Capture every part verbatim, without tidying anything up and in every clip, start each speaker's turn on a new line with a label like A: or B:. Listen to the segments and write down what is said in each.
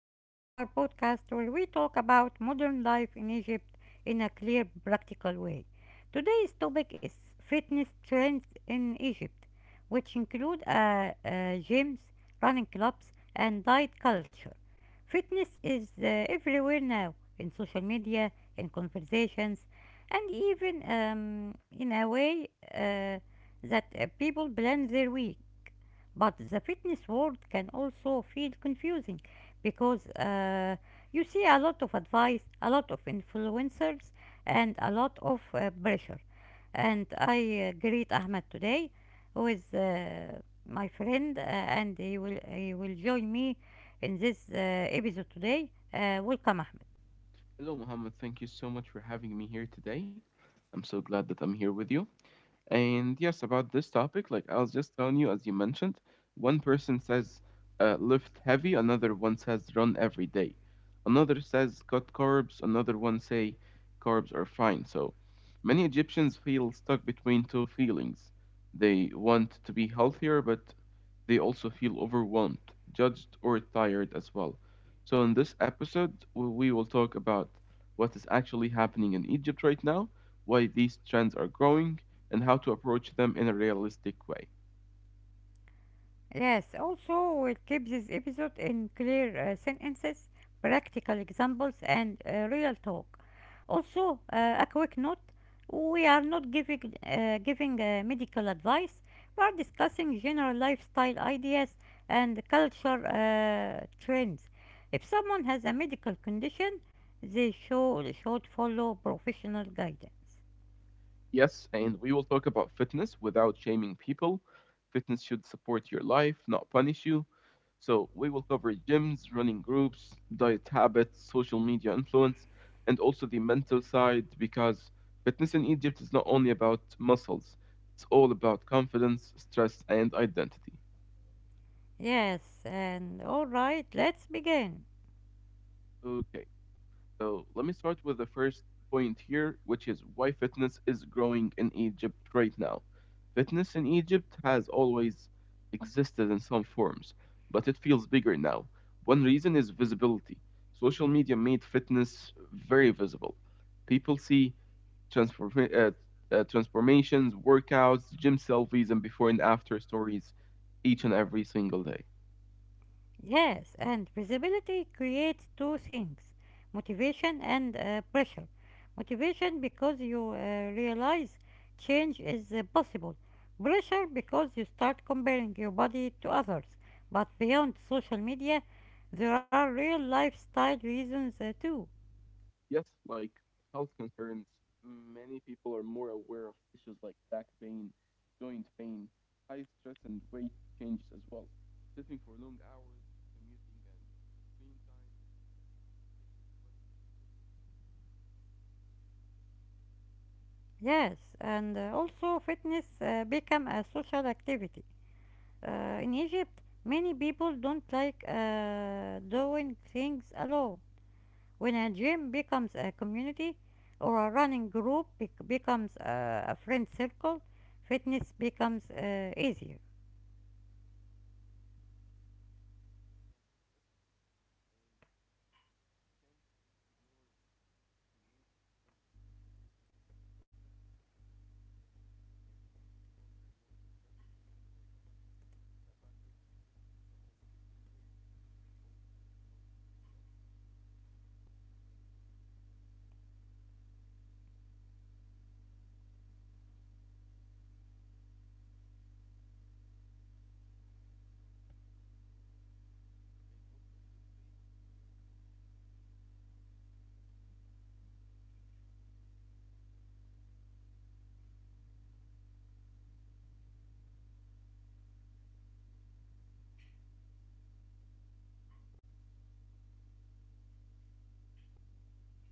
A: listening to our podcast where we talk about modern life in Egypt in a clear, practical way. Today's topic is fitness trends in Egypt, which include uh, uh, gyms, running clubs, and diet culture. Fitness is uh, everywhere now in social media, in conversations, and even um, in a way uh, that uh, people plan their week. But the fitness world can also feel confusing because uh, you see a lot of advice, a lot of influencers, and a lot of uh, pressure. And I uh, greet Ahmed today, who is uh, my friend, uh, and he will he will join me in this uh, episode today. Uh, welcome, Ahmed. Yes, also we'll keep this episode in clear uh, sentences, practical examples, and uh, real talk. Also, uh, a quick note: we are not giving uh, giving uh, medical advice. We are discussing general lifestyle ideas and culture uh, trends. If someone has a medical condition, they should should follow professional guidance. Yes, and all right, let's begin. Yes, and visibility creates two things: motivation and uh, pressure. Motivation because you uh, realize change is uh, possible; pressure because you start comparing your body to others. But beyond social media, there are real lifestyle reasons uh, too. Yes, and uh, also fitness uh, become a social activity. Uh, in Egypt, many people don't like uh, doing things alone. When a gym becomes a community or a running group bec- becomes a, a friend circle, fitness becomes uh, easier.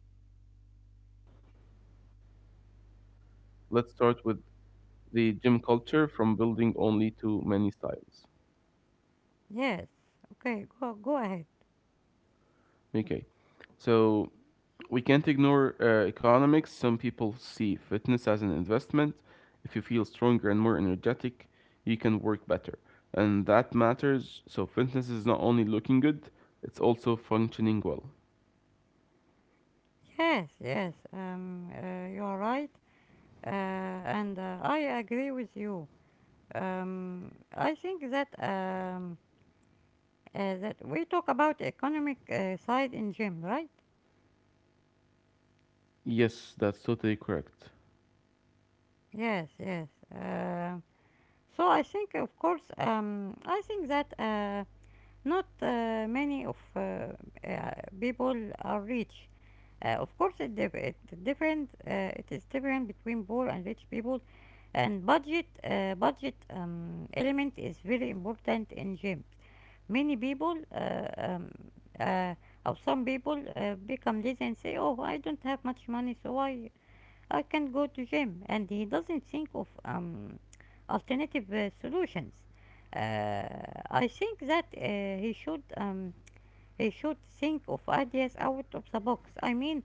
B: Key situations. Let's start with the gym culture from building only to many styles.
A: Yes. Okay. Go go ahead.
B: Okay, so we can't ignore uh, economics. Some people see fitness as an investment. If you feel stronger and more energetic, you can work better. And that matters. So, fitness is not only looking good, it's also functioning well.
A: Yes. Yes. Um. Uh, you are right. Uh, and uh, I agree with you. Um. I think that um. Uh, that we talk about economic uh, side in gym, right?
B: Yes, that's totally correct.
A: Yes. Yes. Uh, so I think, of course, um, I think that uh, not uh, many of uh, uh, people are rich. Uh, of course, it, dep it different. Uh, it is different between poor and rich people, and budget uh, budget um, element is very important in gyms. Many people, uh, um, uh, or some people, uh, become lazy and say, "Oh, I don't have much money, so I I can go to gym," and he doesn't think of um, alternative uh, solutions. Uh, I think that uh, he should um, he should think of ideas out of the box. I mean,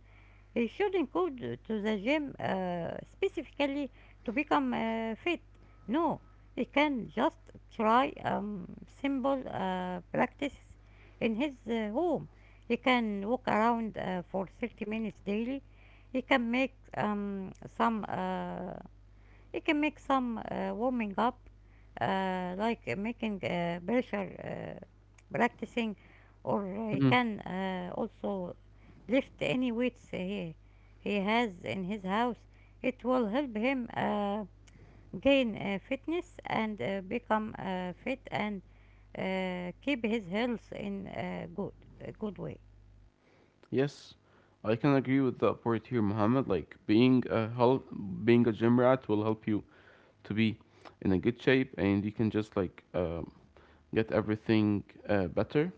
A: he should not go to the gym uh, specifically to become uh, fit. No, he can just try um, simple uh, practices in his uh, home. He can walk around uh, for thirty minutes daily. He can make um, some uh, you can make some uh, warming up, uh, like uh, making uh, pressure uh, practicing, or he can uh, also lift any weights he, he has in his house. It will help him uh, gain uh, fitness and uh, become uh, fit and uh, keep his health in a good, a good way.
B: Yes, I can agree with that part here, Mohammed. Like being a help, being a gym rat will help you to be in a good shape, and you can just like um, get everything uh, better.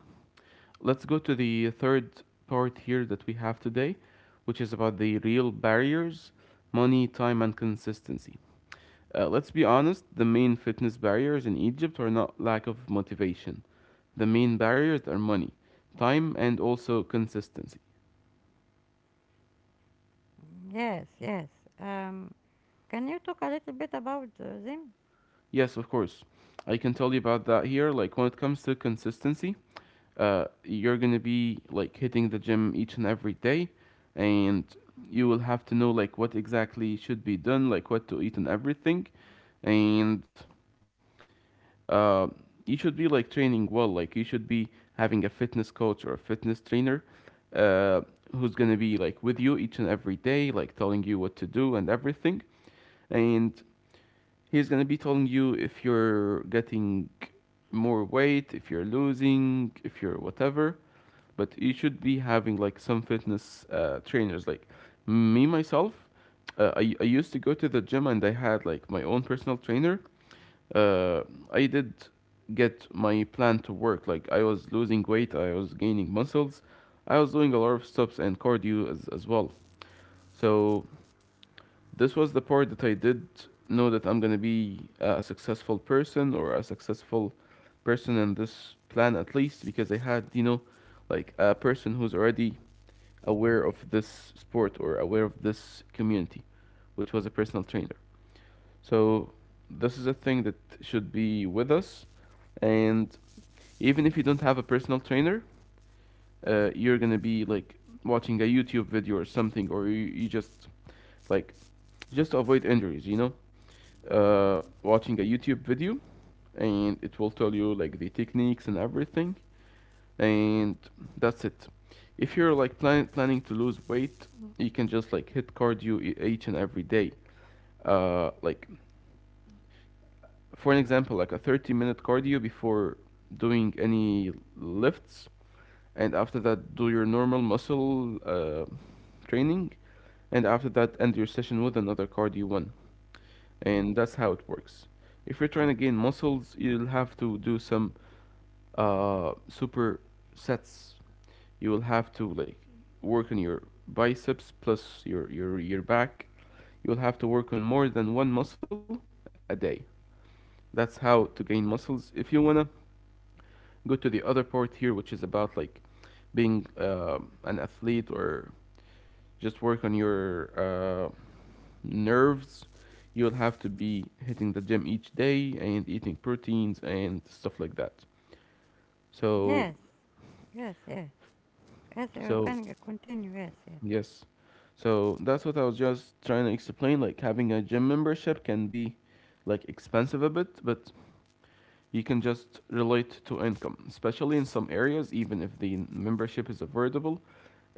B: Let's go to the third part here that we have today, which is about the real barriers: money, time, and consistency. Uh, let's be honest, the main fitness barriers in Egypt are not lack of motivation. The main barriers are money, time, and also consistency.
A: Yes, yes. Um, can you talk a little bit about uh, them?
B: Yes, of course. I can tell you about that here. Like when it comes to consistency, uh, you're gonna be like hitting the gym each and every day, and you will have to know like what exactly should be done, like what to eat and everything, and uh, you should be like training well. Like you should be having a fitness coach or a fitness trainer, uh, who's gonna be like with you each and every day, like telling you what to do and everything. And he's gonna be telling you if you're getting more weight, if you're losing, if you're whatever. But you should be having like some fitness uh, trainers. Like me myself, uh, I I used to go to the gym and I had like my own personal trainer. Uh, I did get my plan to work. Like I was losing weight, I was gaining muscles, I was doing a lot of steps and cardio as as well. So this was the part that I did know that I'm gonna be a successful person or a successful person in this plan at least because I had you know like a person who's already aware of this sport or aware of this community, which was a personal trainer. So this is a thing that should be with us, and even if you don't have a personal trainer, uh, you're gonna be like watching a YouTube video or something, or you, you just like just to avoid injuries, you know, uh, watching a YouTube video, and it will tell you like the techniques and everything, and that's it. If you're like plan- planning to lose weight, you can just like hit cardio e- each and every day. Uh, like for an example, like a thirty minute cardio before doing any lifts, and after that do your normal muscle uh, training, and after that end your session with another cardio one. And that's how it works. If you're trying to gain muscles, you'll have to do some uh, super sets. You will have to like work on your biceps plus your your your back. You'll have to work on more than one muscle a day. That's how to gain muscles. If you want to go to the other part here, which is about like being uh, an athlete or just work on your uh, nerves, you'll have to be hitting the gym each day and eating proteins and stuff like that. So,
A: Yes, yes, yes. Yes, you're
B: so
A: continue. Yes, yes,
B: yes, so that's what I was just trying to explain. Like having a gym membership can be like expensive a bit, but you can just relate to income, especially in some areas, even if the membership is affordable.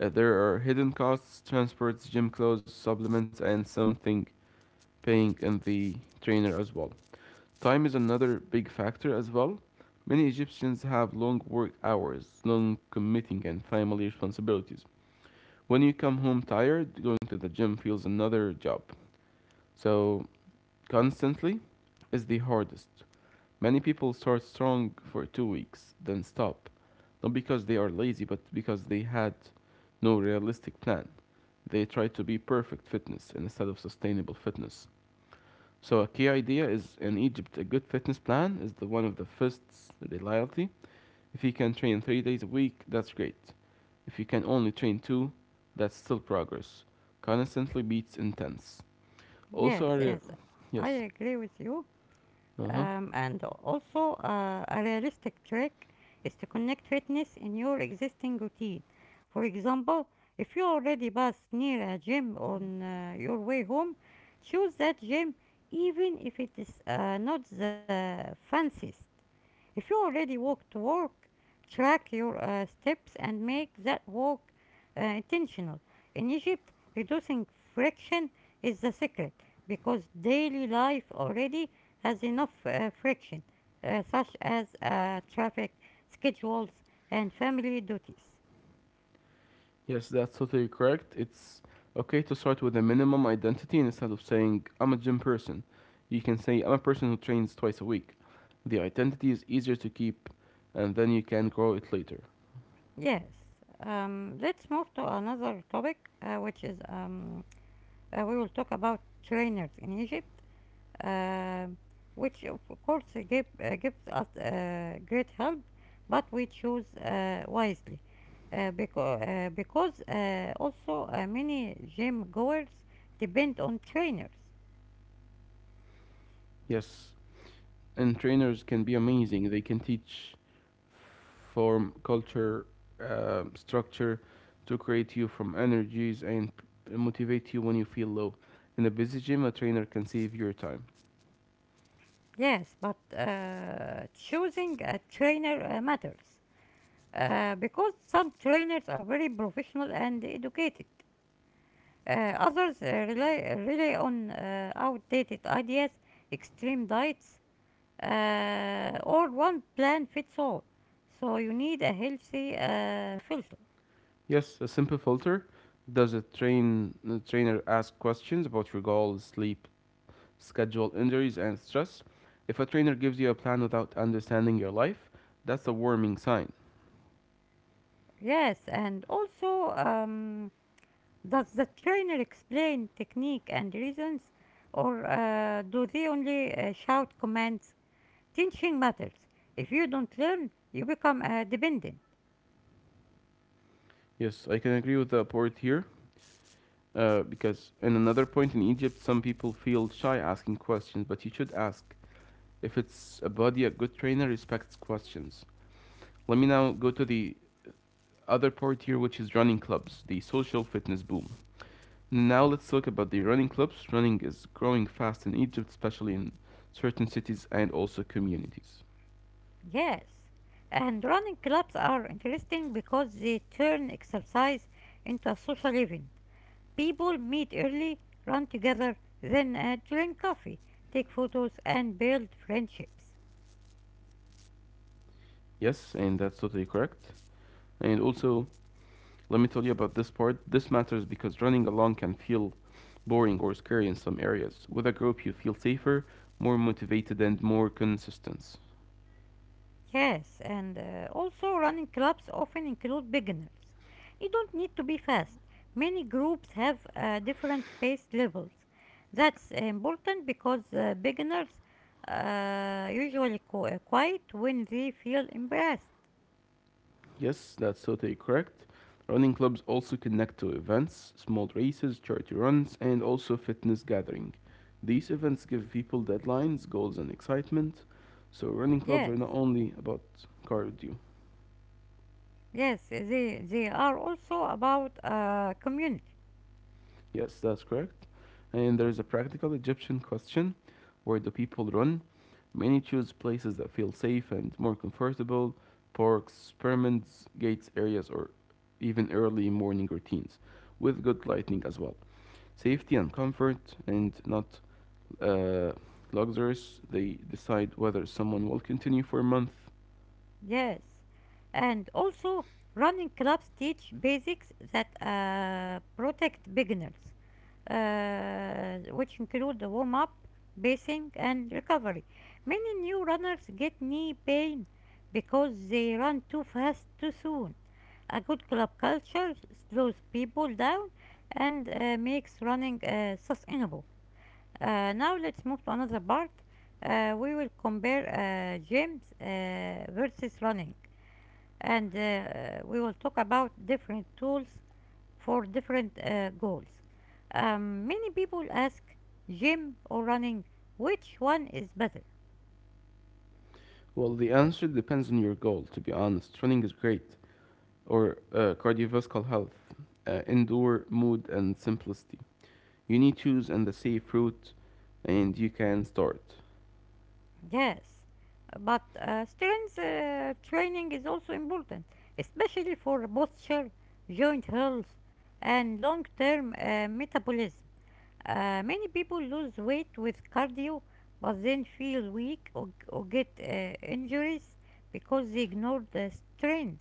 B: Uh, there are hidden costs, transports, gym clothes, supplements, and something paying in the trainer as well. Time is another big factor as well. Many Egyptians have long work hours, long commuting, and family responsibilities. When you come home tired, going to the gym feels another job. So, constantly is the hardest. Many people start strong for two weeks, then stop, not because they are lazy, but because they had no realistic plan. They try to be perfect fitness instead of sustainable fitness. So a key idea is in Egypt, a good fitness plan is the one of the first reliability. If you can train three days a week, that's great. If you can only train two, that's still progress. Constantly beats intense.
A: yes,
B: Also, a re-
A: yes. I
B: yes,
A: agree with you.
B: uh huh.
A: Um, and also, uh, a realistic trick is to connect fitness in your existing routine. For example, if you already pass near a gym on uh, your way home, choose that gym even if it is uh, not the fanciest. If you already walk to work, track your uh, steps and make that walk uh, intentional. In Egypt, reducing friction is the secret because daily life already has enough uh, friction, uh, such as uh, traffic, schedules, and family duties.
B: Yes, that's totally correct. It's okay to start with a minimum identity instead of saying, I'm a gym person. You can say, I'm a person who trains twice a week. The identity is easier to keep, and then you can grow it later.
A: Yes. Um, let's move to another topic, uh, which is um, uh, we will talk about trainers in Egypt, um, which of course give, uh, gives us uh, great help, but we choose uh, wisely uh, because, uh, because uh, also uh, many gym goers depend on trainers.
B: Yes, and trainers can be amazing. They can teach form, culture, um, structure to create you from energies and p- motivate you when you feel low. In a busy gym, a trainer can save your time.
A: Yes, but uh, choosing a trainer uh, matters uh, because some trainers are very professional and educated. Uh, others uh, rely, rely on uh, outdated ideas, extreme diets, uh, or one plan fits all. So you need a healthy uh, filter.
B: Yes, a simple filter. Does a train a trainer ask questions about your goals, sleep, schedule, injuries, and stress? If a trainer gives you a plan without understanding your life, that's a warning sign.
A: Yes, and also, um, does the trainer explain technique and reasons, or uh, do they only uh, shout commands? Teaching matters. If you don't learn, you become uh, dependent.
B: Yes, I can agree with the poet here. Uh, because in another point in Egypt, some people feel shy asking questions, but you should ask. If it's a body, a good trainer respects questions. Let me now go to the other part here, which is running clubs, the social fitness boom. Now let's talk about the running clubs. Running is growing fast in Egypt, especially in certain cities and also communities.
A: Yes, and running clubs are interesting because they turn exercise into a social event. People meet early, run together, then uh, drink coffee, take photos, and build friendships.
B: Yes, and that's totally correct. And also, let me tell you about this part. This matters because running alone can feel boring or scary in some areas. With a group, you feel safer, more motivated, and more consistent.
A: Yes, and uh, also running clubs often include beginners. You don't need to be fast. Many groups have uh, different pace levels. That's important because uh, beginners uh, usually qu- uh, quiet when they feel embarrassed.
B: Yes, that's totally correct. Running clubs also connect to events, small races, charity runs, and also fitness gathering. These events give people deadlines, goals, and excitement. So running clubs
A: Yes,
B: are not only about cardio.
A: yes, they, they are also about uh, community.
B: Yes, that's correct. And there is a practical Egyptian question: where do people run? Many choose places that feel safe and more comfortable, parks, pyramids, gates areas, or even early morning routines, with good lighting as well. Safety and comfort and not uh, luxurious, they decide whether someone will continue for a month?
A: Yes, and also running clubs teach basics that uh, protect beginners, uh, which include the warm up, pacing, and recovery. Many new runners get knee pain because they run too fast too soon. A good club culture slows people down and uh, makes running uh, sustainable. Uh, now let's move to another part. Uh, we will compare uh, gyms uh, versus running, and uh, we will talk about different tools for different uh, goals. Um, many people ask, gym or running, which one is better?
B: Well, the answer depends on your goal, to be honest. Running is great, or uh, cardiovascular health, uh, indoor mood, and simplicity. You need to choose and the safe route, and you can start.
A: Yes, but uh, strength uh, training is also important, especially for posture, joint health, and long-term uh, metabolism. Uh, many people lose weight with cardio but then feel weak or, or get uh, injuries because they ignore the strength.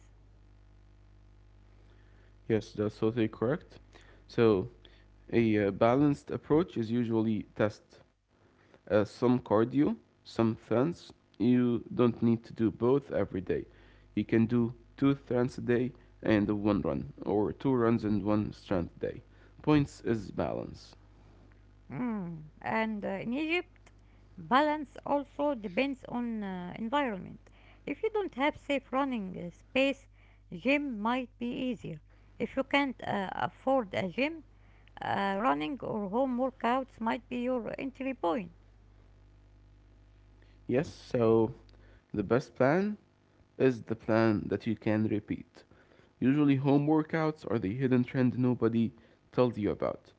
B: Yes, that's totally correct. So, a uh, balanced approach is usually test uh, some cardio, some runs. You don't need to do both every day. You can do two runs a day and one run, or two runs and one strength day. Points is balance.
A: Mm. And uh, in Egypt, balance also depends on uh, environment. If you don't have safe running uh, space, gym might be easier. If you can't uh, afford a gym, uh, running or home workouts might be your entry point.
B: Yes, so the best plan is the plan that you can repeat. Usually, home workouts are the hidden trend nobody tells you about.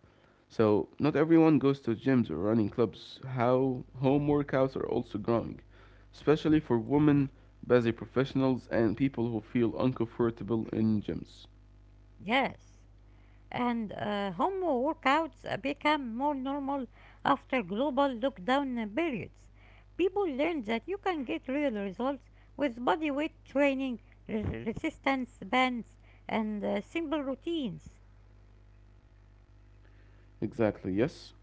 B: So not everyone goes to gyms or running clubs. How home workouts are also growing, especially for women, busy professionals, and people who feel uncomfortable in gyms.
A: Yes. and uh, Home workouts become more normal after global lockdown periods. People learned that you can get real results with bodyweight training, re- resistance bands, and uh, simple routines.
B: Exactly, yes.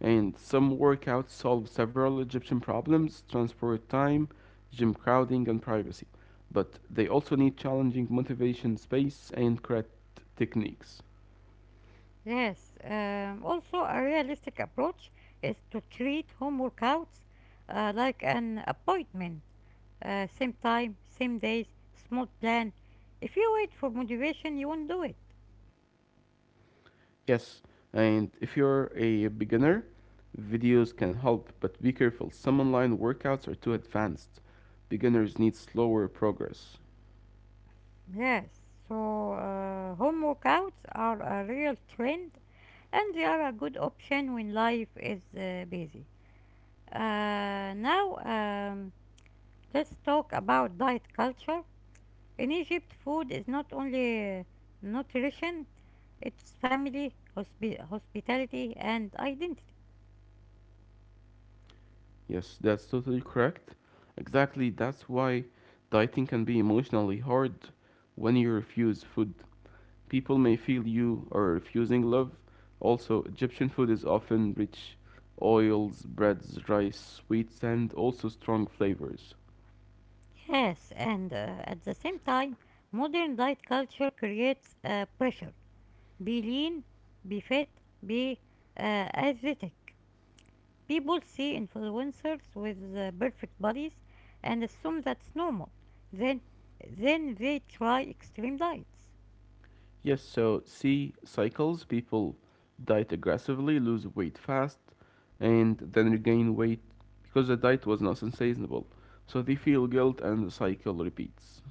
B: And some workouts solve several Egyptian problems transport time, gym crowding, and privacy. But they also need challenging motivation, space, and correct techniques.
A: Yes, um, also a realistic approach is to treat home workouts uh, like an appointment. Uh, same time, same days, small plan. If you wait for motivation, you won't do it.
B: Yes, and if you're a beginner, videos can help, but be careful. Some online workouts are too advanced. Beginners need slower progress.
A: Yes, so uh, home workouts are a real trend and they are a good option when life is uh, busy. Uh, now, um, let's talk about diet culture. In Egypt, food is not only uh, nutrition, it's family, hospi- hospitality, and identity.
B: Yes, that's totally correct. Exactly, that's why dieting can be emotionally hard when you refuse food. People may feel you are refusing love. Also, Egyptian food is often rich oils, breads, rice, sweets, and also strong flavors.
A: Yes, and uh, at the same time, modern diet culture creates uh, pressure. Be lean, be fit, be uh, athletic. People see influencers with uh, perfect bodies and assume that's normal. Then, then they try extreme diets.
B: Yes, so see cycles. People diet aggressively, lose weight fast, and then regain weight because the diet was not sustainable. So they feel guilt and the cycle repeats.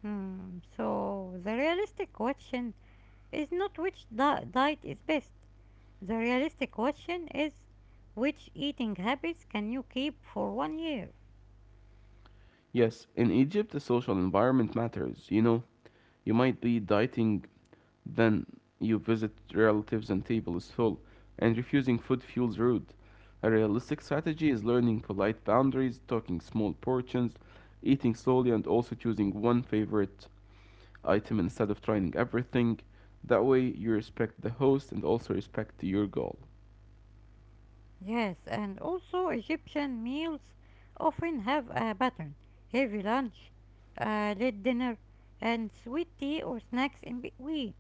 A: Hmm, so the realistic question is not which di- diet is best. The realistic question is, which eating habits can you keep for one year?
B: Yes, in Egypt, the social environment matters. You know, you might be dieting, then you visit relatives and table is full, and refusing food feels rude. A realistic strategy is learning polite boundaries, talking small portions, eating slowly, and also choosing one favorite item instead of trying everything. That way, you respect the host and also respect your goal.
A: Yes, and also Egyptian meals often have a pattern: heavy lunch, uh, late dinner, and sweet tea or snacks in between.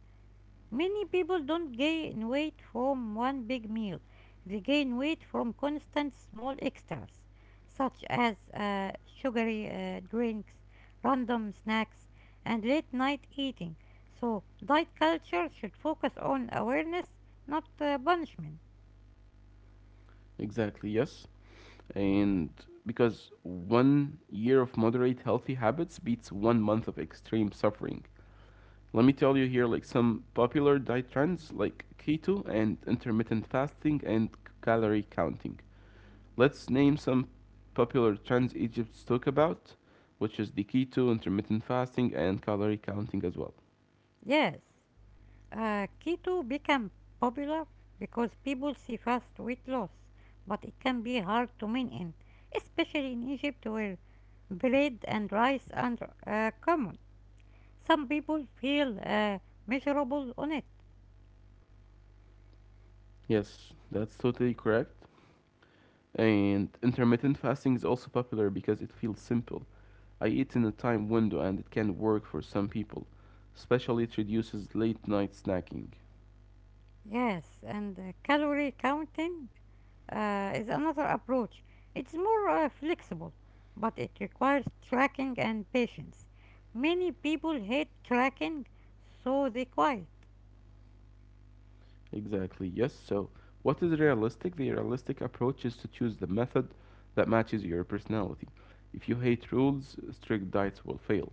A: Many people don't gain weight from one big meal. They gain weight from constant small extras, such as uh, sugary uh, drinks, random snacks, and late night eating. So, diet culture should focus on awareness, not uh, punishment.
B: Exactly, yes. And because one year of moderate healthy habits beats one month of extreme suffering. Let me tell you here like some popular diet trends like keto and intermittent fasting and calorie counting. Let's name some popular trends Egypt's talk about, which is the keto, intermittent fasting, and calorie counting as well.
A: Yes. Uh, keto became popular because people see fast weight loss, but it can be hard to maintain, especially in Egypt where bread and rice are uh, common. Some people feel uh, miserable on it.
B: Yes, that's totally correct. And intermittent fasting is also popular because it feels simple. I eat in a time window and it can work for some people, especially it reduces late night snacking.
A: Yes, and uh, calorie counting uh, is another approach. It's more uh, flexible, but it requires tracking and patience. Many people hate tracking, so they quit.
B: Exactly, yes. So, what is realistic? The realistic approach is to choose the method that matches your personality. If you hate rules, strict diets will fail.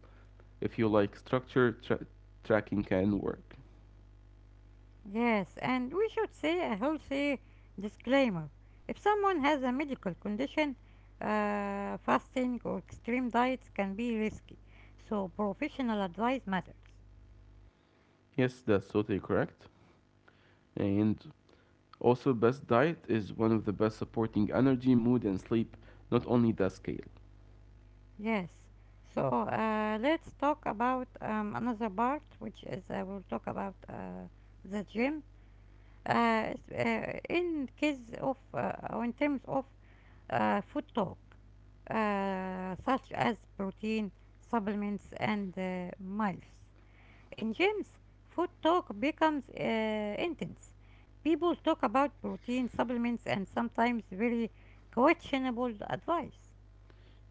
B: If you like structure, tra- tracking can work.
A: Yes, and we should say a healthy disclaimer. If someone has a medical condition, uh, fasting or extreme diets can be risky, so professional advice matters.
B: Yes, that's totally correct. And also, best diet is one of the best supporting energy, mood, and sleep, not only the scale.
A: Yes, so uh, let's talk about um, another part, which is uh, we'll talk about uh, the gym. Uh, s- uh, in case of uh, or in terms of uh, food talk, uh, such as protein, supplements, and uh, miles. In gyms, food talk becomes uh, intense. People talk about protein supplements and sometimes very questionable advice.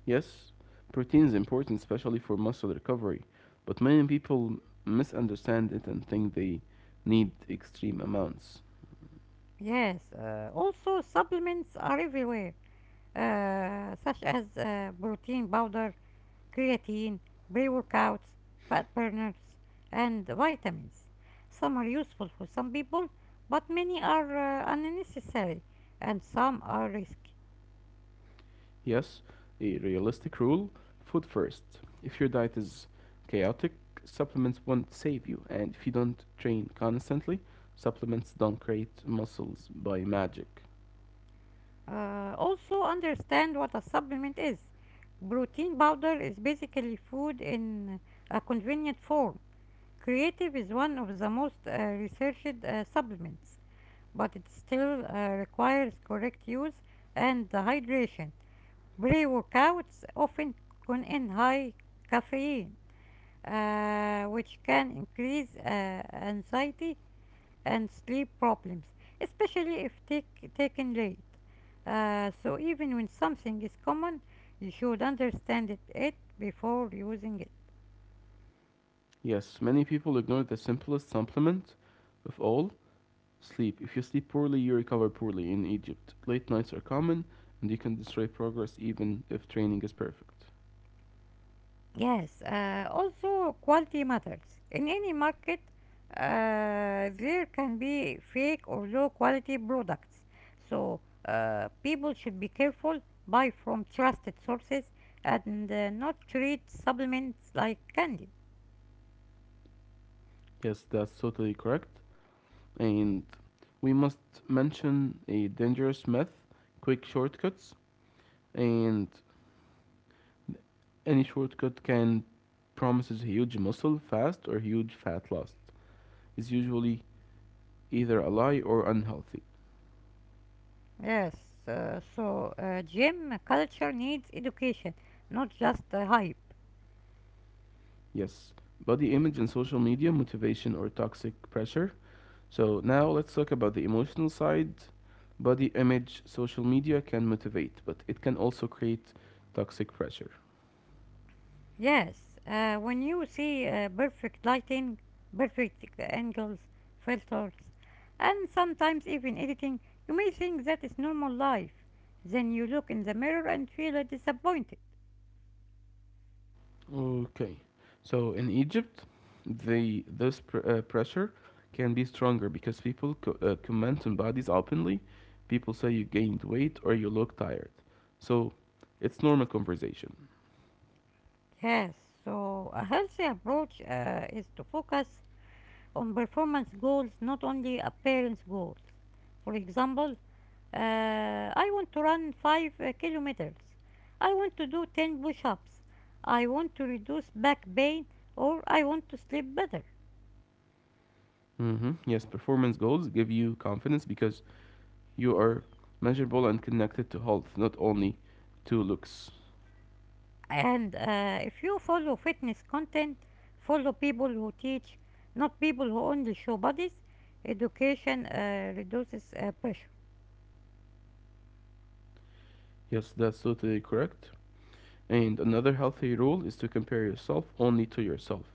B: Yes, protein is important, especially for muscle recovery, but many people misunderstand it and think they need extreme amounts.
A: Yes, uh, also supplements are everywhere, uh, such as uh, protein powder, creatine, pre-workouts, fat burners, and vitamins. Some are useful for some people, but many are uh, unnecessary and some are risky.
B: Yes, a realistic rule food first. If your diet is chaotic, supplements won't save you, and if you don't train constantly, supplements don't create muscles by magic.
A: Uh, also, understand what a supplement is. Protein powder is basically food in a convenient form. Creatine is one of the most uh, researched uh, supplements, but it still uh, requires correct use and hydration. Pre-workouts often contain high caffeine, uh, which can increase uh, anxiety and sleep problems, especially if take, taken late. Uh, so even when something is common, you should understand it, it before using it.
B: Yes, many people ignore the simplest supplement of all: sleep. If you sleep poorly, you recover poorly. In Egypt, late nights are common, and you can destroy progress even if training is perfect.
A: Yes, uh, also quality matters. In any market, uh, there can be fake or low quality products. So, uh, people should be careful, buy from trusted sources, and uh, not treat supplements like candy.
B: Yes, that's totally correct. And we must mention a dangerous myth: quick shortcuts. And any shortcut can promises huge muscle fast or huge fat loss. Is usually either a lie or unhealthy.
A: Yes, uh, so uh, gym culture needs education, not just uh, hype.
B: Yes, body image and social media, motivation or toxic pressure. So now let's talk about the emotional side. Body image, social media can motivate, but it can also create toxic pressure.
A: Yes, uh, when you see uh, perfect lighting, perfect uh, angles, filters, and sometimes even editing, you may think that is normal life. Then you look in the mirror and feel uh, disappointed.
B: Okay. So in Egypt, the this pr- uh, pressure can be stronger because people co- uh, comment on bodies openly. People say you gained weight or you look tired. So it's normal conversation.
A: Yes, so a healthy approach uh, is to focus on performance goals, not only appearance goals. For example, uh, I want to run five uh, kilometers. I want to do ten push ups. I want to reduce back pain or I want to sleep better.
B: hmm Yes, performance goals give you confidence because you are measurable and connected to health, not only to looks.
A: And uh, if you follow fitness content, follow people who teach, not people who only show bodies, education uh, reduces uh, pressure.
B: Yes, that's totally correct. And another healthy rule is to compare yourself only to yourself.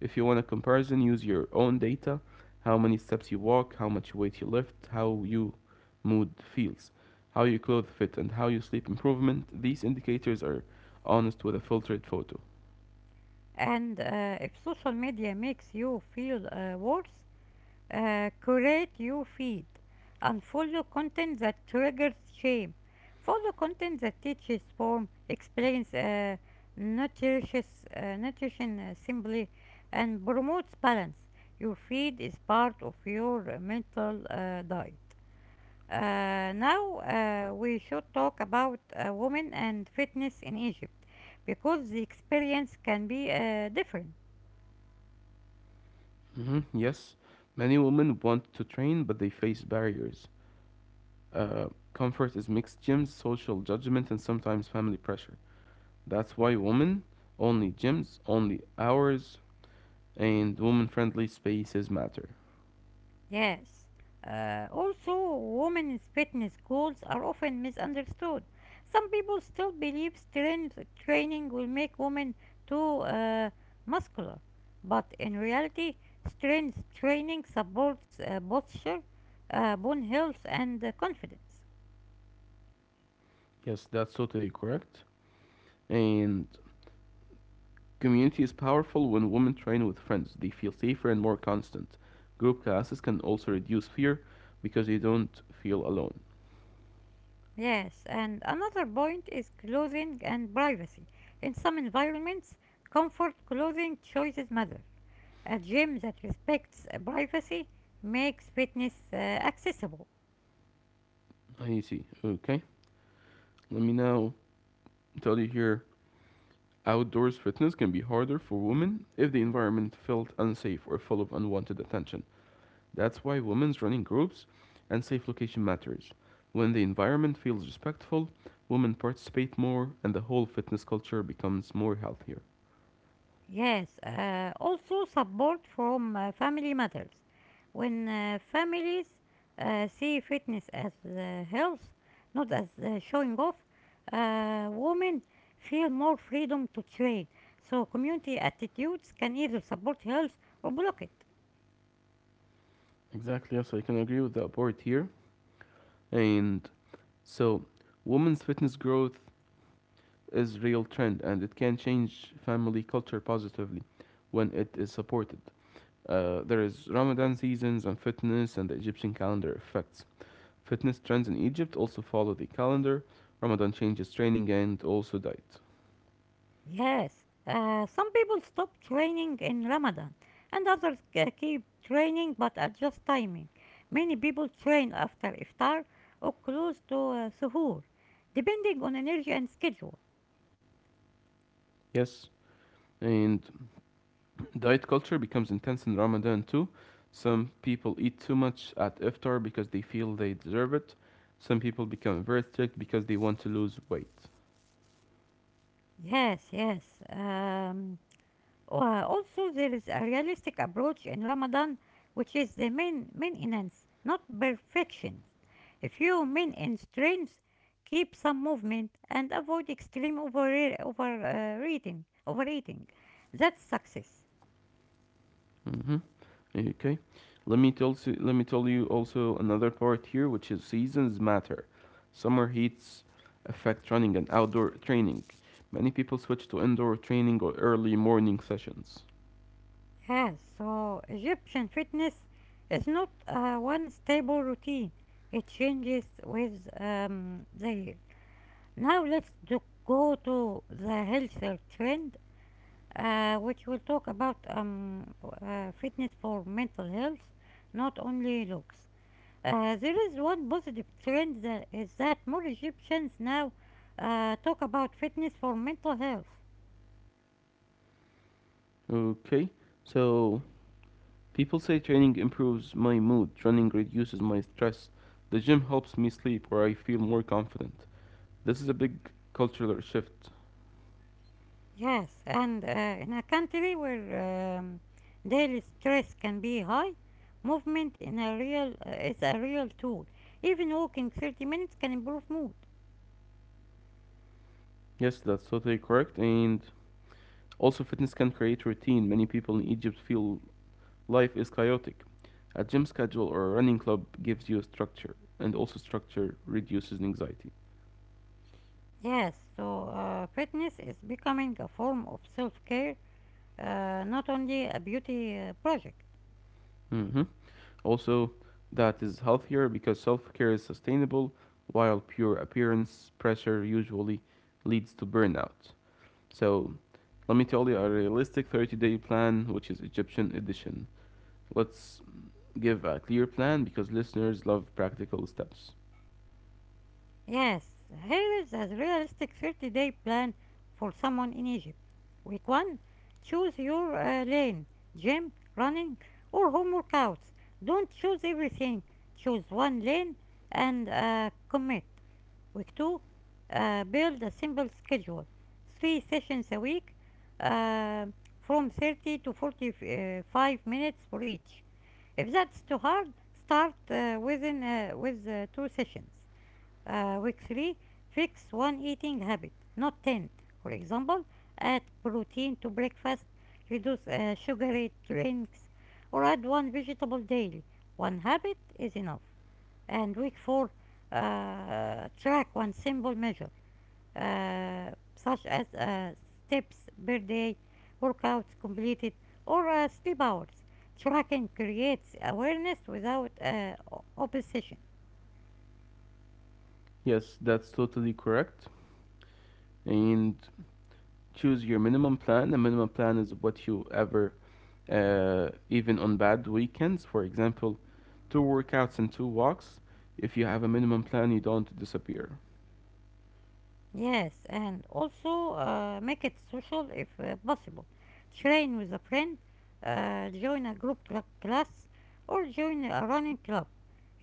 B: If you want a comparison, use your own data: how many steps you walk, how much weight you lift, how you mood feels, how your clothes fit, and how you sleep improvement. These indicators are honest with a filtered photo.
A: And uh, if social media makes you feel uh, worse, Uh, curate your feed. Unfollow content that triggers shame. Follow content that teaches, form, explains, uh, nourishes, uh, nutrition uh, simply, and promotes balance. Your feed is part of your uh, mental uh, diet. Uh, now uh, we should talk about uh, women and fitness in Egypt because the experience can be uh, different.
B: hmm Yes, many women want to train, but they face barriers. Uh, Comfort is mixed gyms, social judgment, and sometimes family pressure. That's why women only gyms, only hours, and women friendly spaces matter.
A: Yes. Uh, also, women's fitness goals are often misunderstood. Some people still believe strength training will make women too uh, muscular, but in reality, strength training supports uh, posture, uh, bone health, and uh, confidence.
B: Yes, that's totally correct. And community is powerful when women train with friends. They feel safer and more constant. Group classes can also reduce fear because you don't feel alone.
A: Yes, and another point is clothing and privacy. In some environments, comfort clothing choices matter. A gym that respects uh, privacy makes fitness uh, accessible.
B: I see. Okay. Let me now tell you here: outdoors fitness can be harder for women if the environment felt unsafe or full of unwanted attention. That's why women's running groups and safe location matters. When the environment feels respectful, women participate more and the whole fitness culture becomes more healthier.
A: Yes, uh, also support from uh, family matters. When uh, families uh, see fitness as uh, health, not as uh, showing off, uh, women feel more freedom to train. So, community attitudes can either support health or block it.
B: Exactly, yes, I can agree with that part here. And so, women's fitness growth is real trend and it can change family culture positively when it is supported. Uh, there is Ramadan seasons and fitness and the Egyptian calendar effects. Fitness trends in Egypt also follow the calendar. Ramadan changes training and also diet.
A: Yes, uh, some people stop training in Ramadan and others uh, keep training but adjust timing. Many people train after iftar or close to uh, suhoor, depending on energy and schedule.
B: Yes, and diet culture becomes intense in Ramadan too. Some people eat too much at iftar because they feel they deserve it. Some people become very strict because they want to lose weight.
A: Yes, yes. Um, Oh, Uh, also, there is a realistic approach in Ramadan, which is the main maintenance, not perfection. A few maintenance streams keep some movement and avoid extreme over, over uh, overeating. That's success.
B: hmm Okay, let me tell s- let me tell you also another part here, which is seasons matter. Summer heats affect running and outdoor training. Many people switch to indoor training or early morning sessions.
A: Yes, so Egyptian fitness is not uh, one stable routine. It changes with um, the year. Now let's do, go to the healthier trend uh, which will talk about um, uh, fitness for mental health, not only looks. Uh, there is one positive trend that is that more Egyptians now uh, talk about fitness for mental health.
B: Okay, so people say training improves my mood, running reduces my stress, the gym helps me sleep or I feel more confident. This is a big cultural shift.
A: Yes, and uh, in a country where um, daily stress can be high, movement in a real uh, is a real tool. Even walking thirty minutes can improve mood.
B: Yes, that's totally correct. And also, fitness can create routine. Many people in Egypt feel life is chaotic. A gym schedule or a running club gives you structure, and also, structure reduces anxiety.
A: Yes, so uh, fitness is becoming a form of self care, uh, not only a beauty uh, project.
B: hmm Also, that is healthier because self care is sustainable, while pure appearance pressure usually leads to burnout. So let me tell you a realistic thirty day plan, which is Egyptian edition. Let's give a clear plan because listeners love practical steps.
A: Yes, here is a realistic thirty day plan for someone in Egypt. Week one, choose your uh, lane, gym, running, or home workouts. Don't choose everything, choose one lane and uh, commit. Week two, uh, build a simple schedule, three sessions a week, uh, from thirty to forty-five minutes for each. If that's too hard, start uh, within uh, with uh, two sessions. Uh, week three, fix one eating habit, not ten. For example, add protein to breakfast, reduce uh, sugary drinks, or add one vegetable daily. One habit is enough. And week four, uh, track one simple measure uh, such as uh, steps per day, workouts completed, or uh, sleep hours. Tracking creates awareness without uh, opposition.
B: Yes, that's totally correct. And choose your minimum plan. The minimum plan is what you ever, uh, even on bad weekends, for example, two workouts and two walks. If you have a minimum plan, you don't disappear.
A: Yes, and also uh, make it social if uh, possible. Train with a friend, uh, join a group cl- class, or join a running club.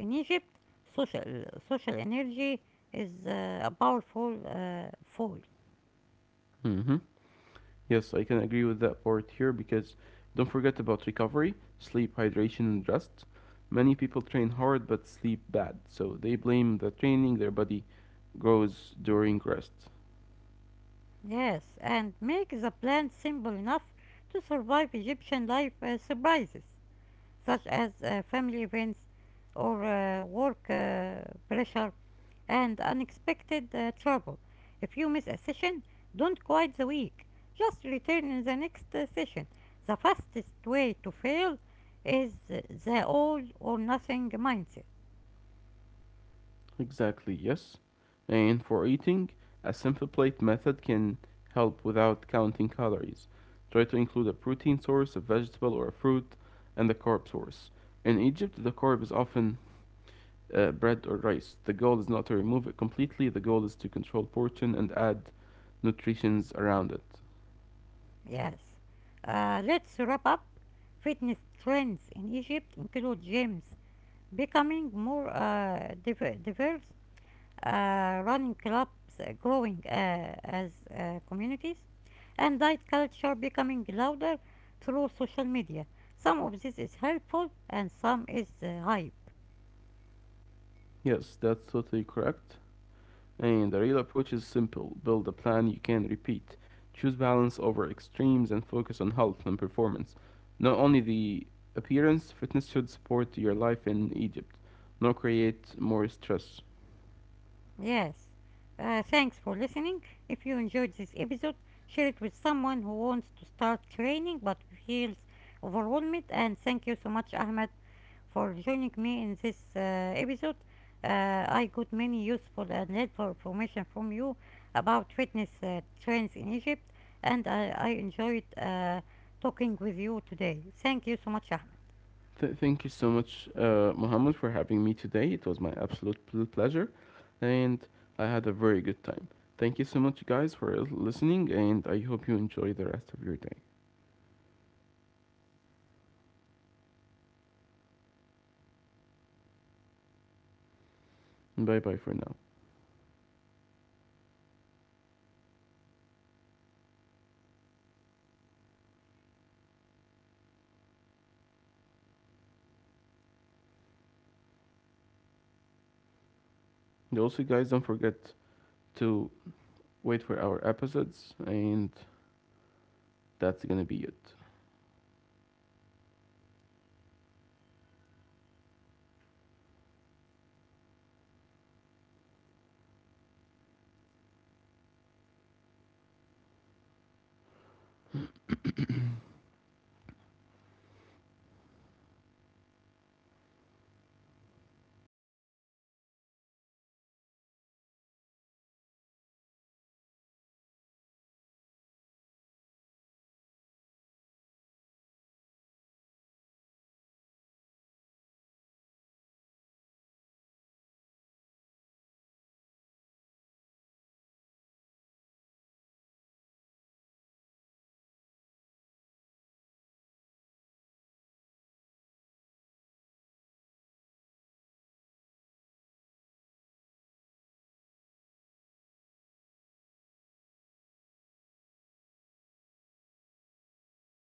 A: In Egypt, social social energy is uh, a powerful uh, force.
B: Mm-hmm. Yes, I can agree with that part here because don't forget about recovery, sleep, hydration, and rest. Many people train hard but sleep bad, so they blame the training their body grows during rest.
A: Yes, and make the plant simple enough to survive Egyptian life uh, surprises, such as uh, family events or uh, work uh, pressure and unexpected uh, trouble. If you miss a session, don't quit the week. Just return in the next uh, session. The fastest way to fail is uh, the all or nothing mindset.
B: Exactly, yes. And for eating, a simple plate method can help without counting calories. Try to include a protein source, a vegetable or a fruit, and a carb source. In Egypt, the carb is often uh, bread or rice. The goal is not to remove it completely. The goal is to control portion and add nutrients around it.
A: Yes. Uh, let's wrap up. Fitness trends in Egypt include gyms becoming more uh, diver- diverse, uh, running clubs uh, growing uh, as uh, communities, and diet culture becoming louder through social media. Some of this is helpful and some is uh, hype.
B: Yes, that's totally correct. And the real approach is simple: build a plan you can repeat, choose balance over extremes, and focus on health and performance. Not only the appearance, fitness should support your life in Egypt, not create more stress.
A: Yes. Uh, thanks for listening. If you enjoyed this episode, share it with someone who wants to start training but feels overwhelmed. And thank you so much, Ahmed, for joining me in this uh, episode. Uh, I got many useful and helpful information from you about fitness uh, trends in Egypt, and I, I enjoyed uh, talking with you today. Thank you so much, Ahmed.
B: Th- thank you so much, uh, Mohammed, for having me today. It was my absolute pl- pleasure, and I had a very good time. Thank you so much, guys, for listening, and I hope you enjoy the rest of your day. Bye bye for now. And also, guys, don't forget to wait for our episodes, and that's gonna be it.